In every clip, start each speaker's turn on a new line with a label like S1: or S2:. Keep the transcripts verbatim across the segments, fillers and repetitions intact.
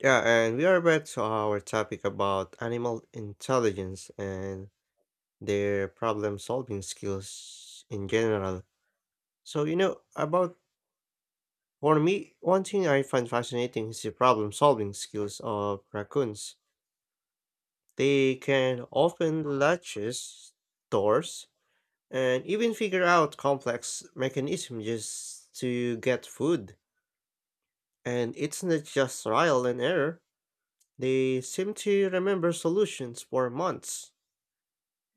S1: Yeah, and we are back to our topic about animal intelligence and their problem solving skills in general. So, you know, about for me, one thing I find fascinating is the problem solving skills of raccoons. They can open latches, doors, and even figure out complex mechanisms just to get food. And it's not just trial and error, they seem to remember solutions for months.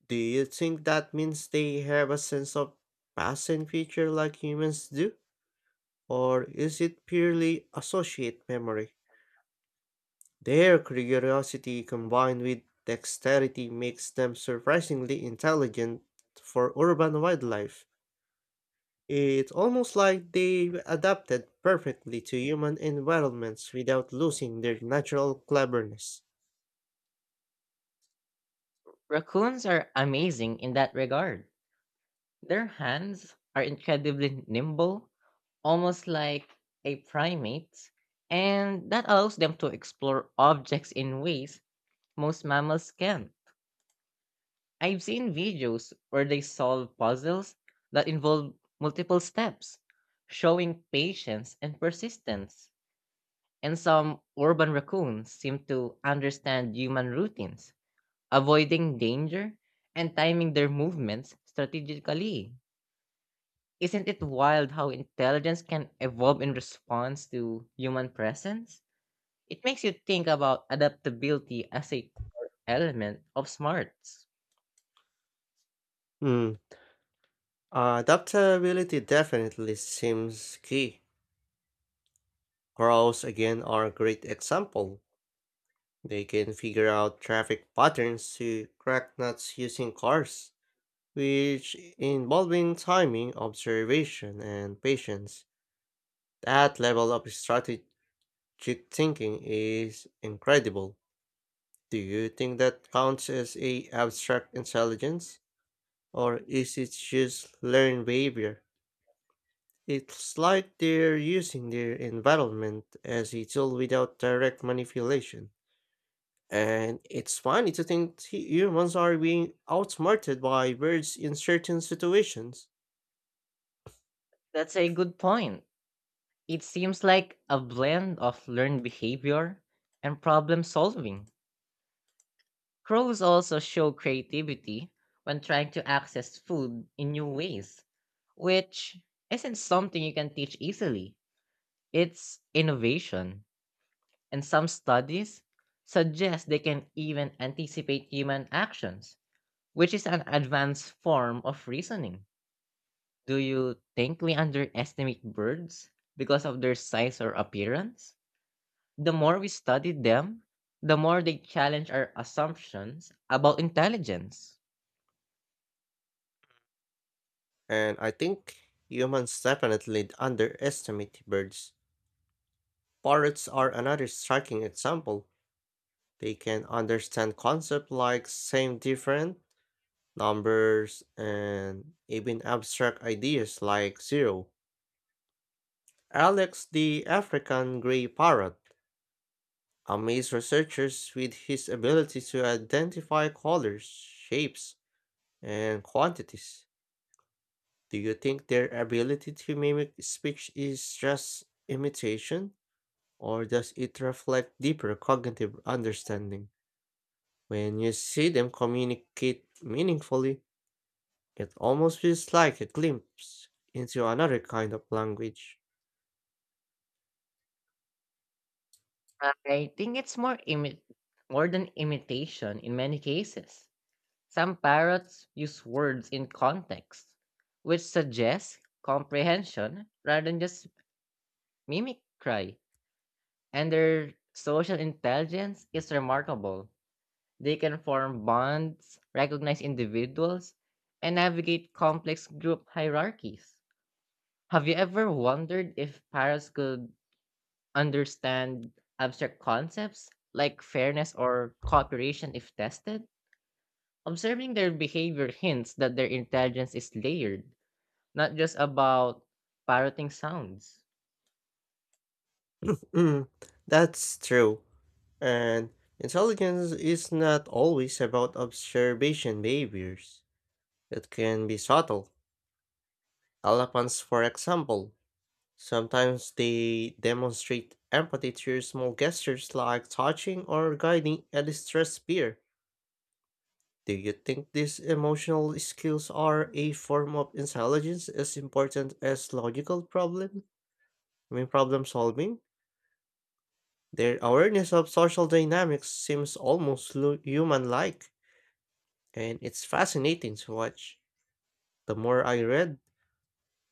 S1: Do you think that means they have a sense of past and future like humans do? Or is it purely associate memory? Their curiosity combined with dexterity makes them surprisingly intelligent for urban wildlife. It's almost like they've adapted perfectly to human environments without losing their natural cleverness.
S2: Raccoons are amazing in that regard. Their hands are incredibly nimble, almost like a primate's, and that allows them to explore objects in ways most mammals can't. I've seen videos where they solve puzzles that involve multiple steps, showing patience and persistence. And some urban raccoons seem to understand human routines, avoiding danger, and timing their movements strategically. Isn't it wild how intelligence can evolve in response to human presence? It makes you think about adaptability as a element of smarts.
S1: Hmm. Adaptability definitely seems key. Crows again are a great example. They can figure out traffic patterns to crack nuts using cars, which involving timing, observation, and patience. That level of strategic thinking is incredible. Do you think that counts as a abstract intelligence, or is it just learned behavior? It's like they're using their environment as a tool without direct manipulation. And it's funny to think hu- humans are being outsmarted by birds in certain situations.
S2: That's a good point. It seems like a blend of learned behavior and problem solving. Crows also show creativity when trying to access food in new ways, which isn't something you can teach easily. It's innovation, and some studies suggest they can even anticipate human actions, which is an advanced form of reasoning. Do you think we underestimate birds because of their size or appearance? The more we study them, the more they challenge our assumptions about intelligence.
S1: And I think humans definitely underestimate birds. Parrots are another striking example. They can understand concepts like same, different, numbers, and even abstract ideas like zero. Alex, the African grey parrot, amazed researchers with his ability to identify colors, shapes, and quantities. Do you think their ability to mimic speech is just imitation, or does it reflect deeper cognitive understanding? When you see them communicate meaningfully, it almost feels like a glimpse into another kind of language.
S2: I think it's more imi- more than imitation in many cases. Some parrots use words in context, which suggests comprehension rather than just mimicry, and their social intelligence is remarkable. They can form bonds, recognize individuals, and navigate complex group hierarchies. Have you ever wondered if parrots could understand abstract concepts like fairness or cooperation if tested? Observing their behavior hints that their intelligence is layered, not just about parroting sounds.
S1: Mm, that's true. And intelligence is not always about observation behaviors. It can be subtle. Elephants, for example, sometimes they demonstrate empathy through small gestures like touching or guiding a distressed peer. Do you think these emotional skills are a form of intelligence as important as logical problem? I mean, problem solving? Their awareness of social dynamics seems almost lu- human like, and it's fascinating to watch. The more I read,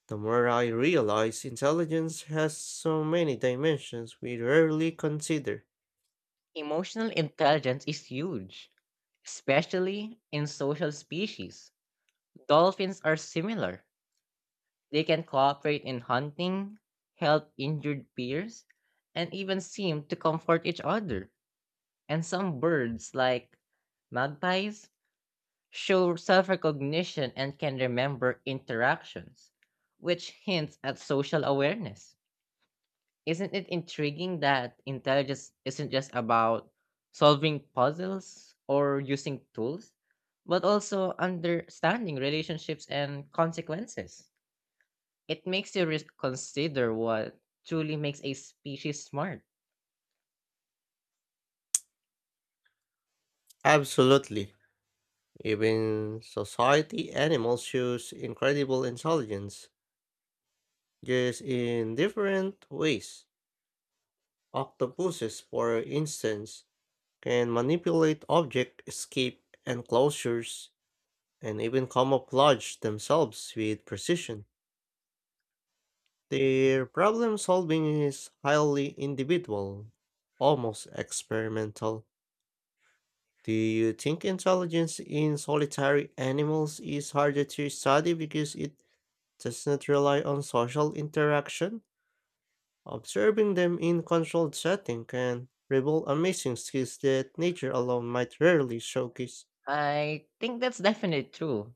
S1: the more I realize intelligence has so many dimensions we rarely consider.
S2: Emotional intelligence is huge, especially in social species. Dolphins are similar. They can cooperate in hunting, help injured peers, and even seem to comfort each other. And some birds, like magpies, show self recognition and can remember interactions, which hints at social awareness. Isn't it intriguing that intelligence isn't just about solving puzzles or using tools, but also understanding relationships and consequences? It makes you reconsider what truly makes a species smart.
S1: Absolutely. Even society animals shows incredible intelligence, just in different ways. Octopuses, for instance, can manipulate object escape enclosures and even camouflage themselves with precision. Their problem solving is highly individual, almost experimental. Do you think intelligence in solitary animals is harder to study because it does not rely on social interaction? Observing them in controlled setting can reveal amazing skills that nature alone might rarely showcase.
S2: I think that's definitely true.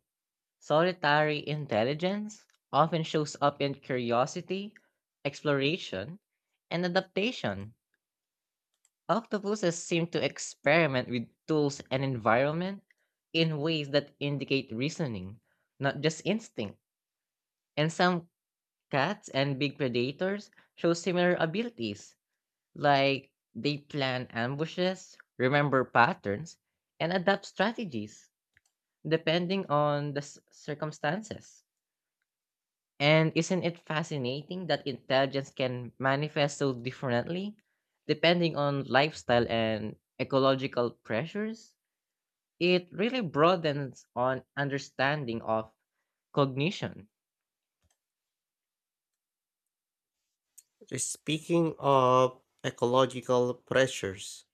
S2: Solitary intelligence often shows up in curiosity, exploration, and adaptation. Octopuses seem to experiment with tools and environment in ways that indicate reasoning, not just instinct. And some cats and big predators show similar abilities, like they plan ambushes, remember patterns, and adapt strategies depending on the s- circumstances. And isn't it fascinating that intelligence can manifest so differently depending on lifestyle and ecological pressures? It really broadens on understanding of cognition.
S1: Speaking of ecological pressures,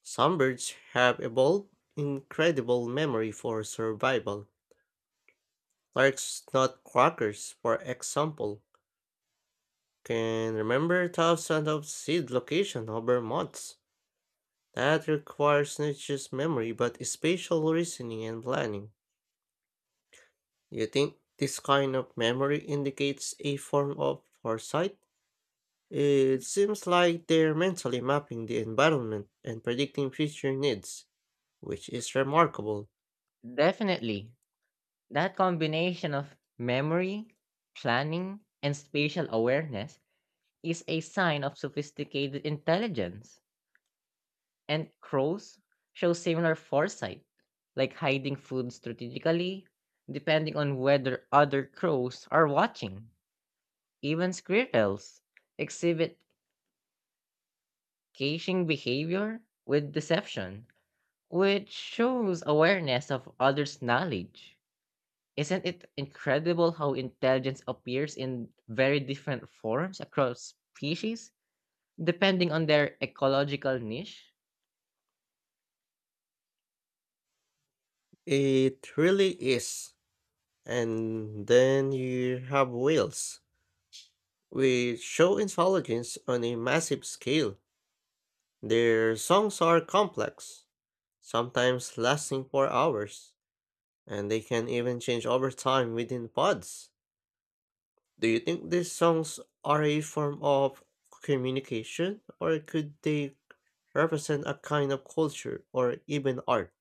S1: some birds have evolved incredible memory for survival. Like nutcrackers, for example, can remember thousands of seed locations over months. That requires not just memory but spatial reasoning and planning. Do you think this kind of memory indicates a form of foresight? It seems like they're mentally mapping the environment and predicting future needs, which is remarkable.
S2: Definitely, that combination of memory, planning, and spatial awareness is a sign of sophisticated intelligence. And crows show similar foresight, like hiding food strategically, depending on whether other crows are watching. Even squirrels exhibit caching behavior with deception, which shows awareness of others' knowledge. Isn't it incredible how intelligence appears in very different forms across species, depending on their ecological niche?
S1: It really is. And then you have whales, which show intelligence on a massive scale. Their songs are complex, sometimes lasting for hours, and they can even change over time within pods. Do you think these songs are a form of communication, or could they represent a kind of culture or even art?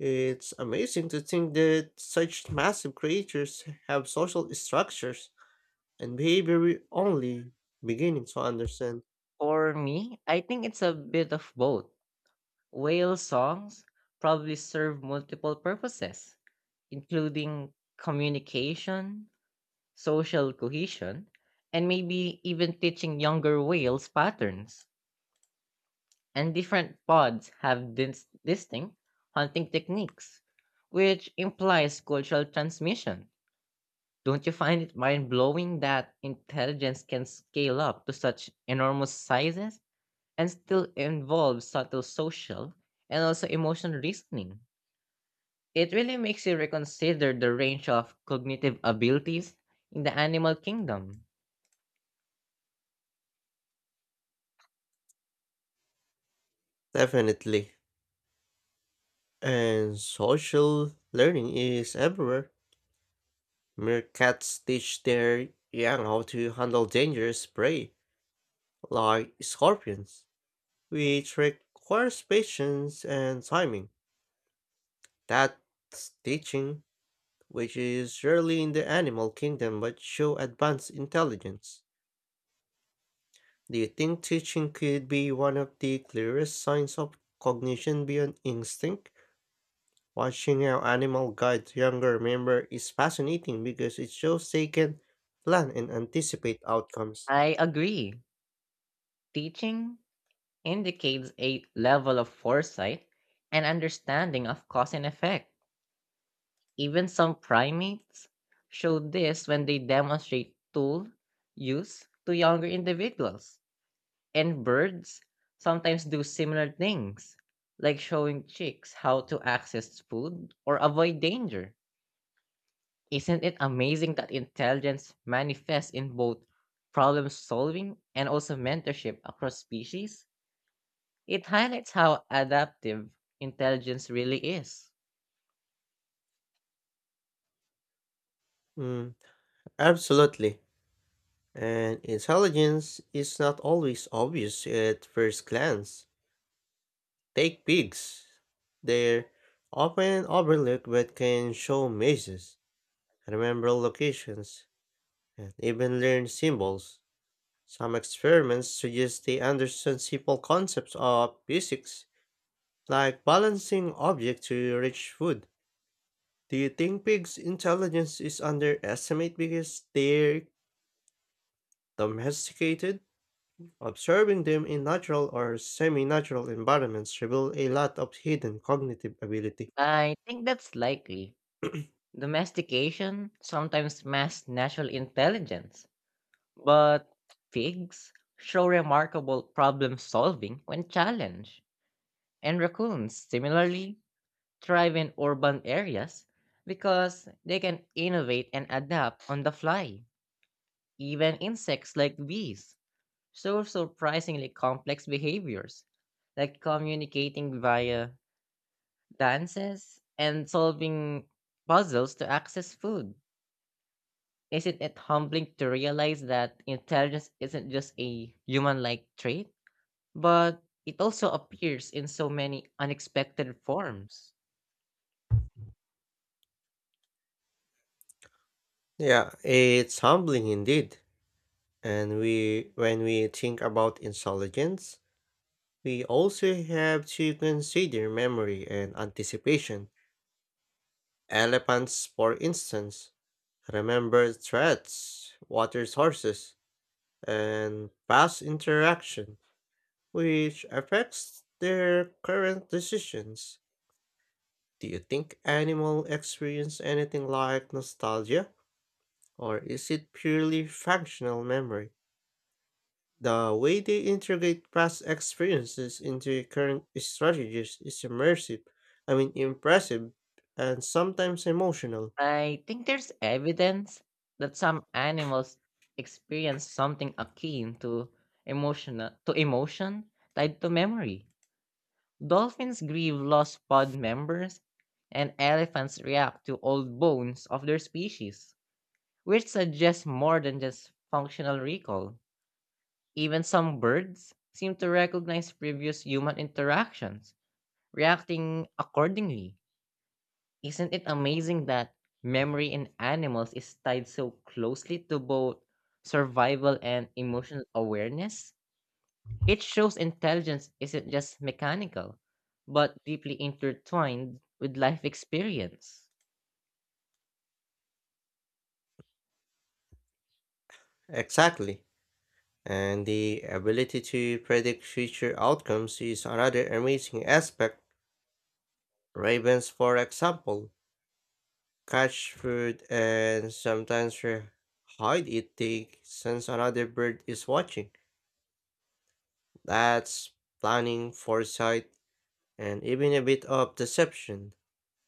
S1: It's amazing to think that such massive creatures have social structures and behavior we only beginning to understand.
S2: For me, I think it's a bit of both. Whale songs probably serve multiple purposes, including communication, social cohesion, and maybe even teaching younger whales patterns. And different pods have dis- distinct hunting techniques, which implies cultural transmission. Don't you find it mind blowing that intelligence can scale up to such enormous sizes and still involve subtle social and also emotional reasoning? It really makes you reconsider the range of cognitive abilities in the animal kingdom.
S1: Definitely. And social learning is everywhere. Meerkats teach their young how to handle dangerous prey, like scorpions, which requires patience and timing. That's teaching, which is rarely in the animal kingdom but show advanced intelligence. Do you think teaching could be one of the clearest signs of cognition beyond instinct? Watching how animal guide younger member is fascinating because it shows they can plan and anticipate outcomes.
S2: I agree. Teaching indicates a level of foresight and understanding of cause and effect. Even some primates show this when they demonstrate tool use to younger individuals. And birds sometimes do similar things, like showing chicks how to access food or avoid danger. Isn't it amazing that intelligence manifests in both problem solving and also mentorship across species? It highlights how adaptive intelligence really is.
S1: Mm, absolutely. And intelligence is not always obvious at first glance. Take pigs. They're often overlooked but can show mazes, remember locations, and even learn symbols. Some experiments suggest they understand simple concepts of physics, like balancing objects to reach food. Do you think pigs' intelligence is underestimated because they're domesticated? Observing them in natural or semi natural environments reveals a lot of hidden cognitive ability.
S2: I think that's likely. Domestication sometimes masks natural intelligence, but pigs show remarkable problem solving when challenged, and raccoons similarly thrive in urban areas because they can innovate and adapt on the fly. Even insects like bees show surprisingly complex behaviors, like communicating via dances, and solving puzzles to access food. Isn't it humbling to realize that intelligence isn't just a human like trait, but it also appears in so many unexpected forms?
S1: Yeah, it's humbling indeed. And we when we think about intelligence, we also have to consider memory and anticipation. Elephants, for instance, remember threats, water sources, and past interaction, which affects their current decisions. Do you think animals experience anything like nostalgia, or is it purely functional memory? The way they integrate past experiences into current strategies is immersive, I mean impressive, and sometimes emotional.
S2: I think there's evidence that some animals experience something akin to emotional to emotion tied to memory. Dolphins grieve lost pod members and elephants react to old bones of their species, which suggests more than just functional recall. Even some birds seem to recognize previous human interactions, reacting accordingly. Isn't it amazing that memory in animals is tied so closely to both survival and emotional awareness? It shows intelligence isn't just mechanical, but deeply intertwined with life experience.
S1: Exactly. And the ability to predict future outcomes is another amazing aspect. Ravens, for example, catch food and sometimes re- hide it, they sense another bird is watching. That's planning, foresight, and even a bit of deception.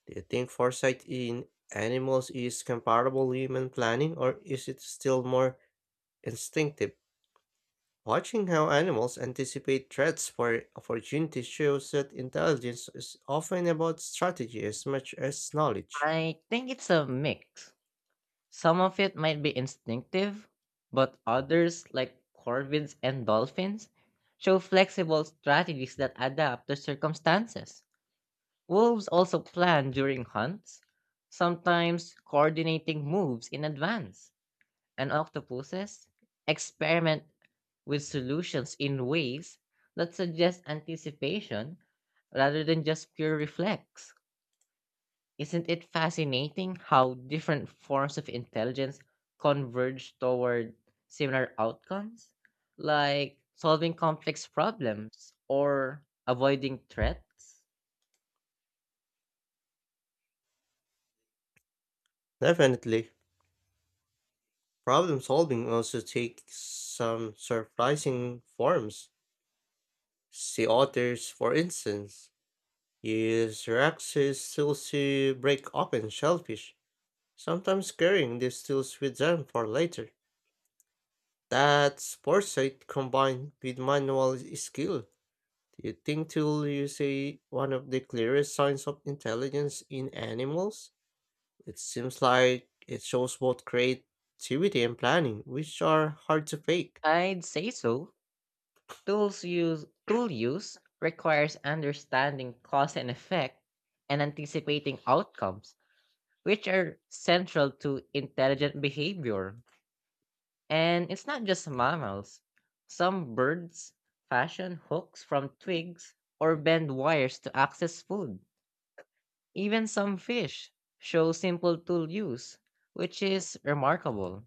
S1: Do you think foresight in animals is comparable to human planning, or is it still more instinctive? Watching how animals anticipate threats for opportunities shows that intelligence is often about strategy as much as knowledge.
S2: I think it's a mix. Some of it might be instinctive, but others, like corvids and dolphins, show flexible strategies that adapt to circumstances. Wolves also plan during hunts, sometimes coordinating moves in advance. And octopuses experiment with solutions in ways that suggest anticipation rather than just pure reflex. Isn't it fascinating how different forms of intelligence converge toward similar outcomes? Like solving complex problems or avoiding threats?
S1: Definitely, problem solving also takes some surprising forms. Sea otters, for instance, use Rex's seals to break open shellfish, sometimes carrying these tools with them for later. That's foresight combined with manual skill. Do you think tool use a, one of the clearest signs of intelligence in animals? It seems like it shows both creativity and planning, which are hard to fake.
S2: I'd say so. Tools use tool use requires understanding cause and effect and anticipating outcomes, which are central to intelligent behavior. And it's not just mammals. Some birds fashion hooks from twigs or bend wires to access food. Even some fish show simple tool use, which is remarkable.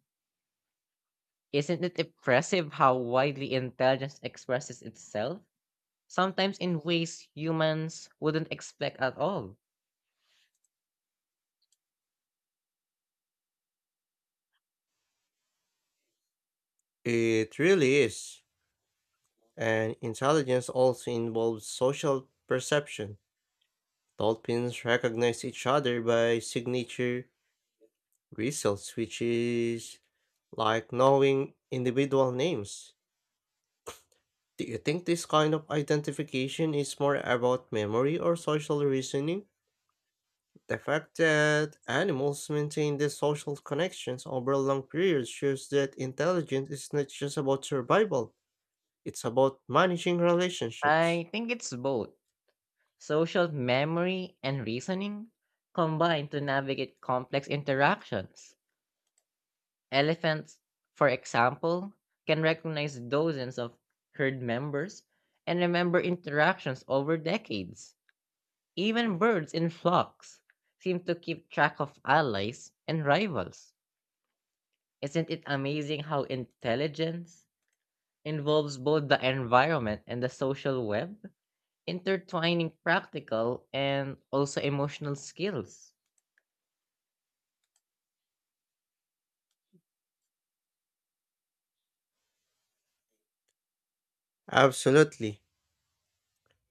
S2: Isn't it impressive how widely intelligence expresses itself? Sometimes in ways humans wouldn't expect at all.
S1: It really is. And intelligence also involves social perception. Dolphins recognize each other by signature results, which is like knowing individual names. Do you think this kind of identification is more about memory or social reasoning? The fact that animals maintain these social connections over long periods shows that intelligence is not just about survival, it's about managing relationships.
S2: I think it's both social memory and reasoning combined to navigate complex interactions. Elephants, for example, can recognize dozens of herd members and remember interactions over decades. Even birds in flocks seem to keep track of allies and rivals. Isn't it amazing how intelligence involves both the environment and the social web, intertwining practical and also emotional skills?
S1: Absolutely.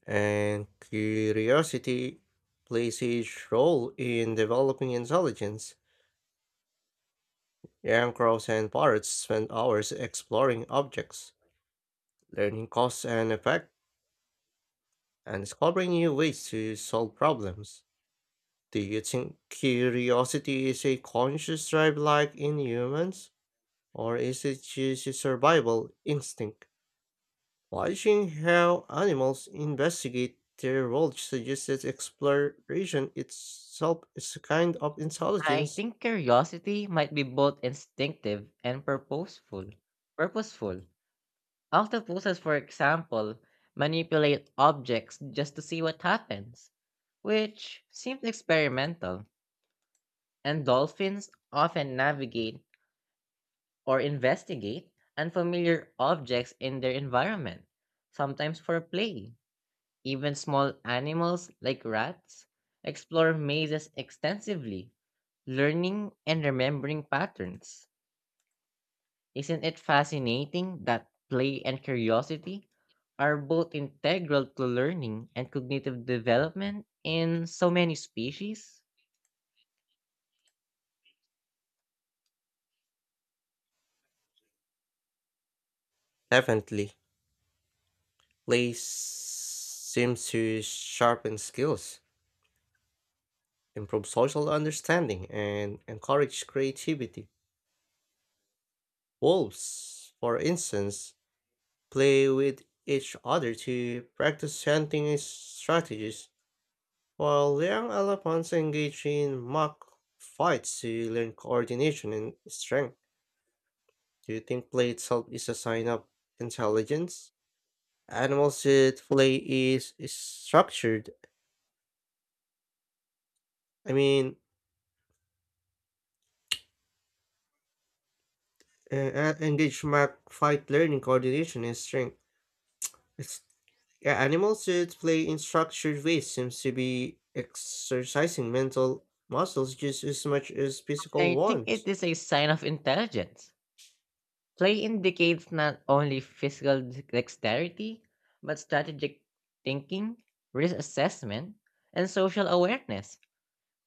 S1: And curiosity plays a huge role in developing intelligence. Young crows and parrots spend hours exploring objects, learning cause and effect and discovering new ways to solve problems. Do you think curiosity is a conscious drive like in humans, or is it just a survival instinct? Watching how animals investigate their world suggests that exploration itself is a kind of
S2: I
S1: intelligence.
S2: think curiosity might be both instinctive and purposeful. Purposeful Octopuses, for example, manipulate objects just to see what happens, which seems experimental, and dolphins often navigate or investigate unfamiliar objects in their environment, sometimes for play. Even small animals like rats explore mazes extensively, learning and remembering patterns. Isn't it fascinating that play and curiosity are both integral to learning and cognitive development in so many species?
S1: Definitely, play s- seems to sharpen skills, improve social understanding, and encourage creativity. Wolves, for instance, play with each other to practice hunting strategies, while young elephants engage in mock fights to learn coordination and strength. Do you think play itself is a sign of intelligence? Animals that play is, is structured. I mean, uh, uh, engage mock fight learning coordination and strength. It's Yeah, animals that play in structured ways seems to be exercising mental muscles just as much as physical
S2: I think
S1: ones.
S2: it is a sign of intelligence. Play indicates not only physical d- dexterity, but strategic thinking, risk assessment, and social awareness.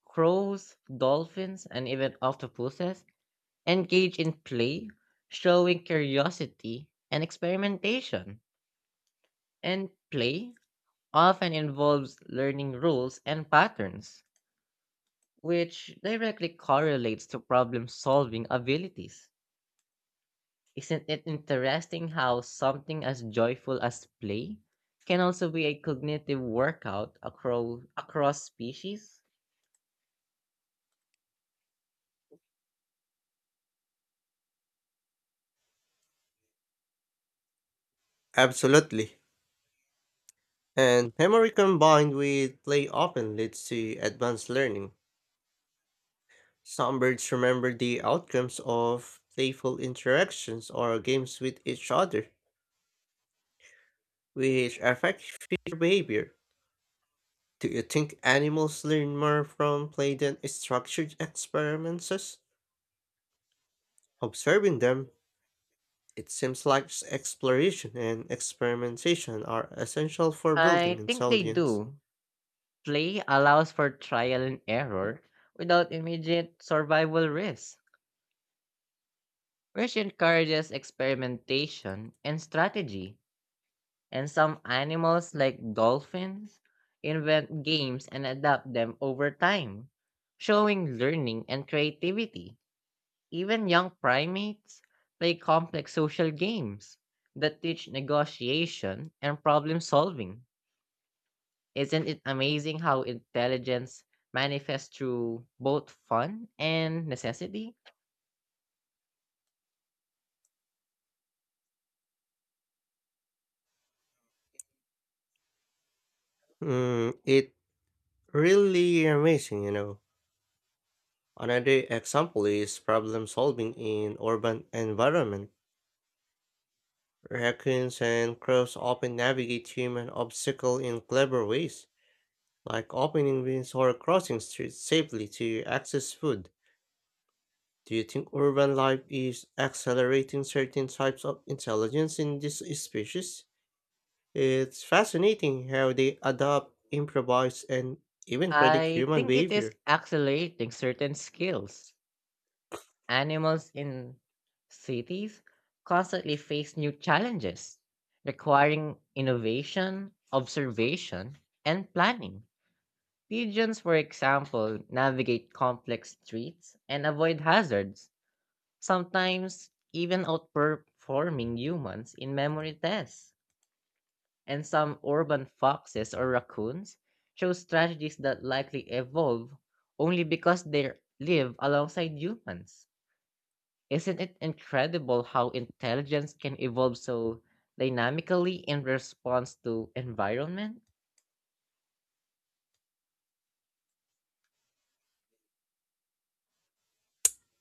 S2: Crows, dolphins, and even octopuses engage in play, showing curiosity and experimentation. And play often involves learning rules and patterns, which directly correlates to problem solving abilities. Isn't it interesting how something as joyful as play can also be a cognitive workout across, across species?
S1: Absolutely. And memory combined with play often leads to advanced learning. Some birds remember the outcomes of playful interactions or games with each other, which affect future behavior. Do you think animals learn more from play than structured experiments? Observing them, it seems like s- exploration and experimentation are essential for building
S2: I think they
S1: intelligence.
S2: do. Play allows for trial and error without immediate survival risk, which encourages experimentation and strategy. And some animals, like dolphins, invent games and adapt them over time, showing learning and creativity. Even young primates play complex social games that teach negotiation and problem solving. Isn't it amazing how intelligence manifests through both fun and necessity?
S1: Mm, it really amazing, you know. Another example is problem solving in urban environment. Raccoons and crows often navigate human obstacle in clever ways, like opening windows or crossing streets safely to access food. Do you think urban life is accelerating certain types of intelligence in this species? It's fascinating how they adapt, improvise, and even predict
S2: I
S1: human
S2: think it is
S1: behavior.
S2: accelerating certain skills. Animals in cities constantly face new challenges, requiring innovation, observation, and planning. Pigeons, for example, navigate complex streets and avoid hazards, sometimes even outperforming humans in memory tests. And some urban foxes or raccoons show strategies that likely evolve only because they live alongside humans. Isn't it incredible how intelligence can evolve so dynamically in response to environment?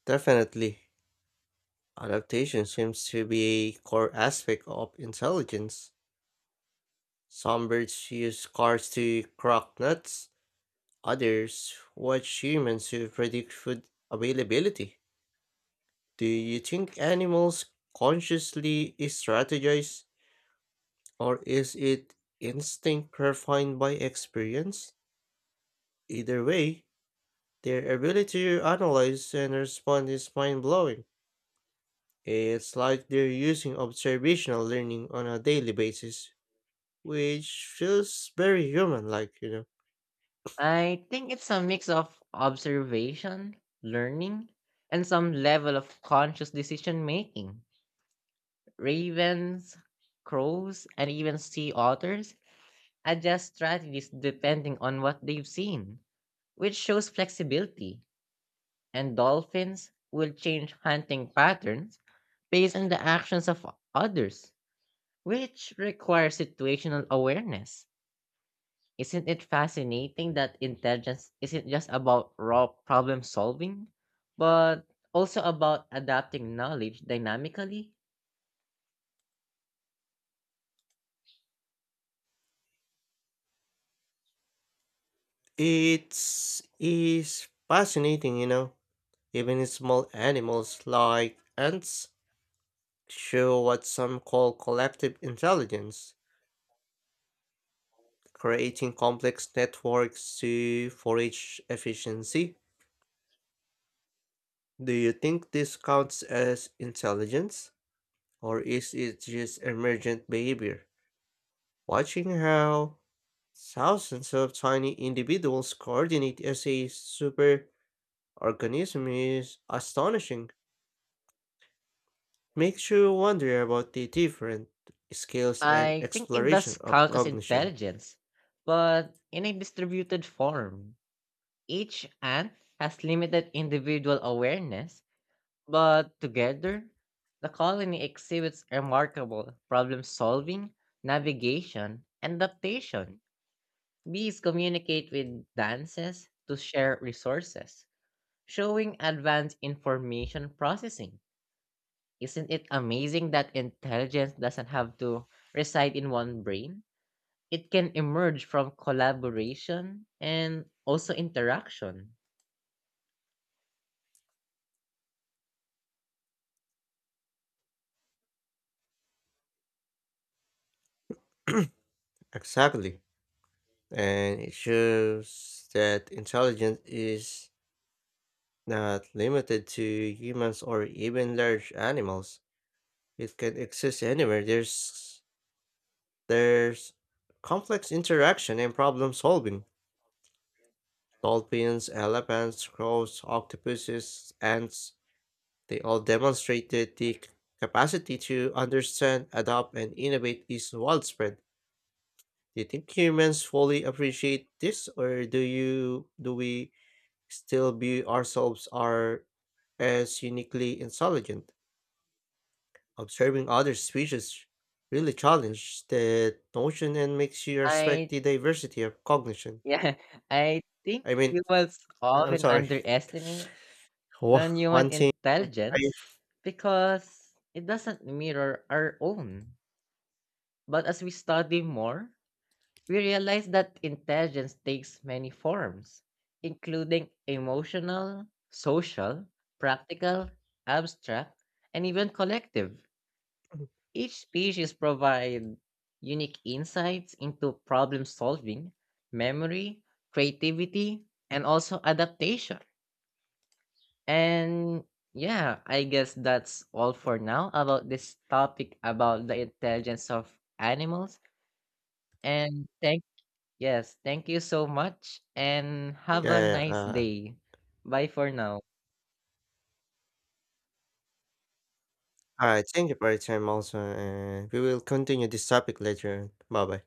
S1: Definitely. Adaptation seems to be a core aspect of intelligence. Some birds use cars to crack nuts, others watch humans to predict food availability. Do you think animals consciously strategize, or is it instinct refined by experience? Either way, their ability to analyze and respond is mind blowing. It's like they're using observational learning on a daily basis, which feels very human like, you know.
S2: I think it's a mix of observation, learning, and some level of conscious decision making. Ravens, crows, and even sea otters adjust strategies depending on what they've seen, which shows flexibility. And dolphins will change hunting patterns based on the actions of others, which requires situational awareness. Isn't it fascinating that intelligence isn't just about raw problem solving, but also about adapting knowledge dynamically?
S1: It's is fascinating, you know. Even small animals like ants show what some call collective intelligence, creating complex networks to forage efficiency. Do you think this counts as intelligence? Or is it just emergent behavior? Watching how thousands of tiny individuals coordinate as a superorganism is astonishing. Makes you wonder about the different scales and
S2: I think it does
S1: exploration of
S2: count as
S1: cognition.
S2: intelligence, but in a distributed form. Each ant has limited individual awareness, but together, the colony exhibits remarkable problem solving, navigation, and adaptation. Bees communicate with dances to share resources, showing advanced information processing. Isn't it amazing that intelligence doesn't have to reside in one brain? It can emerge from collaboration and also interaction.
S1: Exactly. And it shows that intelligence is not limited to humans or even large animals. It can exist anywhere there's There's complex interaction and problem solving. Dolphins, elephants, crows, octopuses, ants, they all demonstrated the capacity to understand, adapt, and innovate is widespread. Do you think humans fully appreciate this, or do you do we still view ourselves are as uniquely intelligent? Observing other species really challenges that notion and makes you respect
S2: I
S1: the diversity of cognition.
S2: yeah, I think
S1: I mean,
S2: humans
S1: I I'm
S2: often
S1: sorry.
S2: underestimate
S1: Wha
S2: non-human
S1: One thing I
S2: intelligence because it doesn't mirror our own. But as we study more, we realize that intelligence takes many forms, including emotional, social, practical, abstract, and even collective. Each species provides unique insights into problem solving, memory, creativity, and also adaptation. And yeah, I guess that's all for now about this topic about the intelligence of animals. And thank Yes, thank you so much and
S1: Yeah,
S2: have a
S1: yeah, yeah,
S2: nice
S1: uh,
S2: day. Bye for now.
S1: alright, thank you for your time also, and we will continue this topic later. Bye-bye.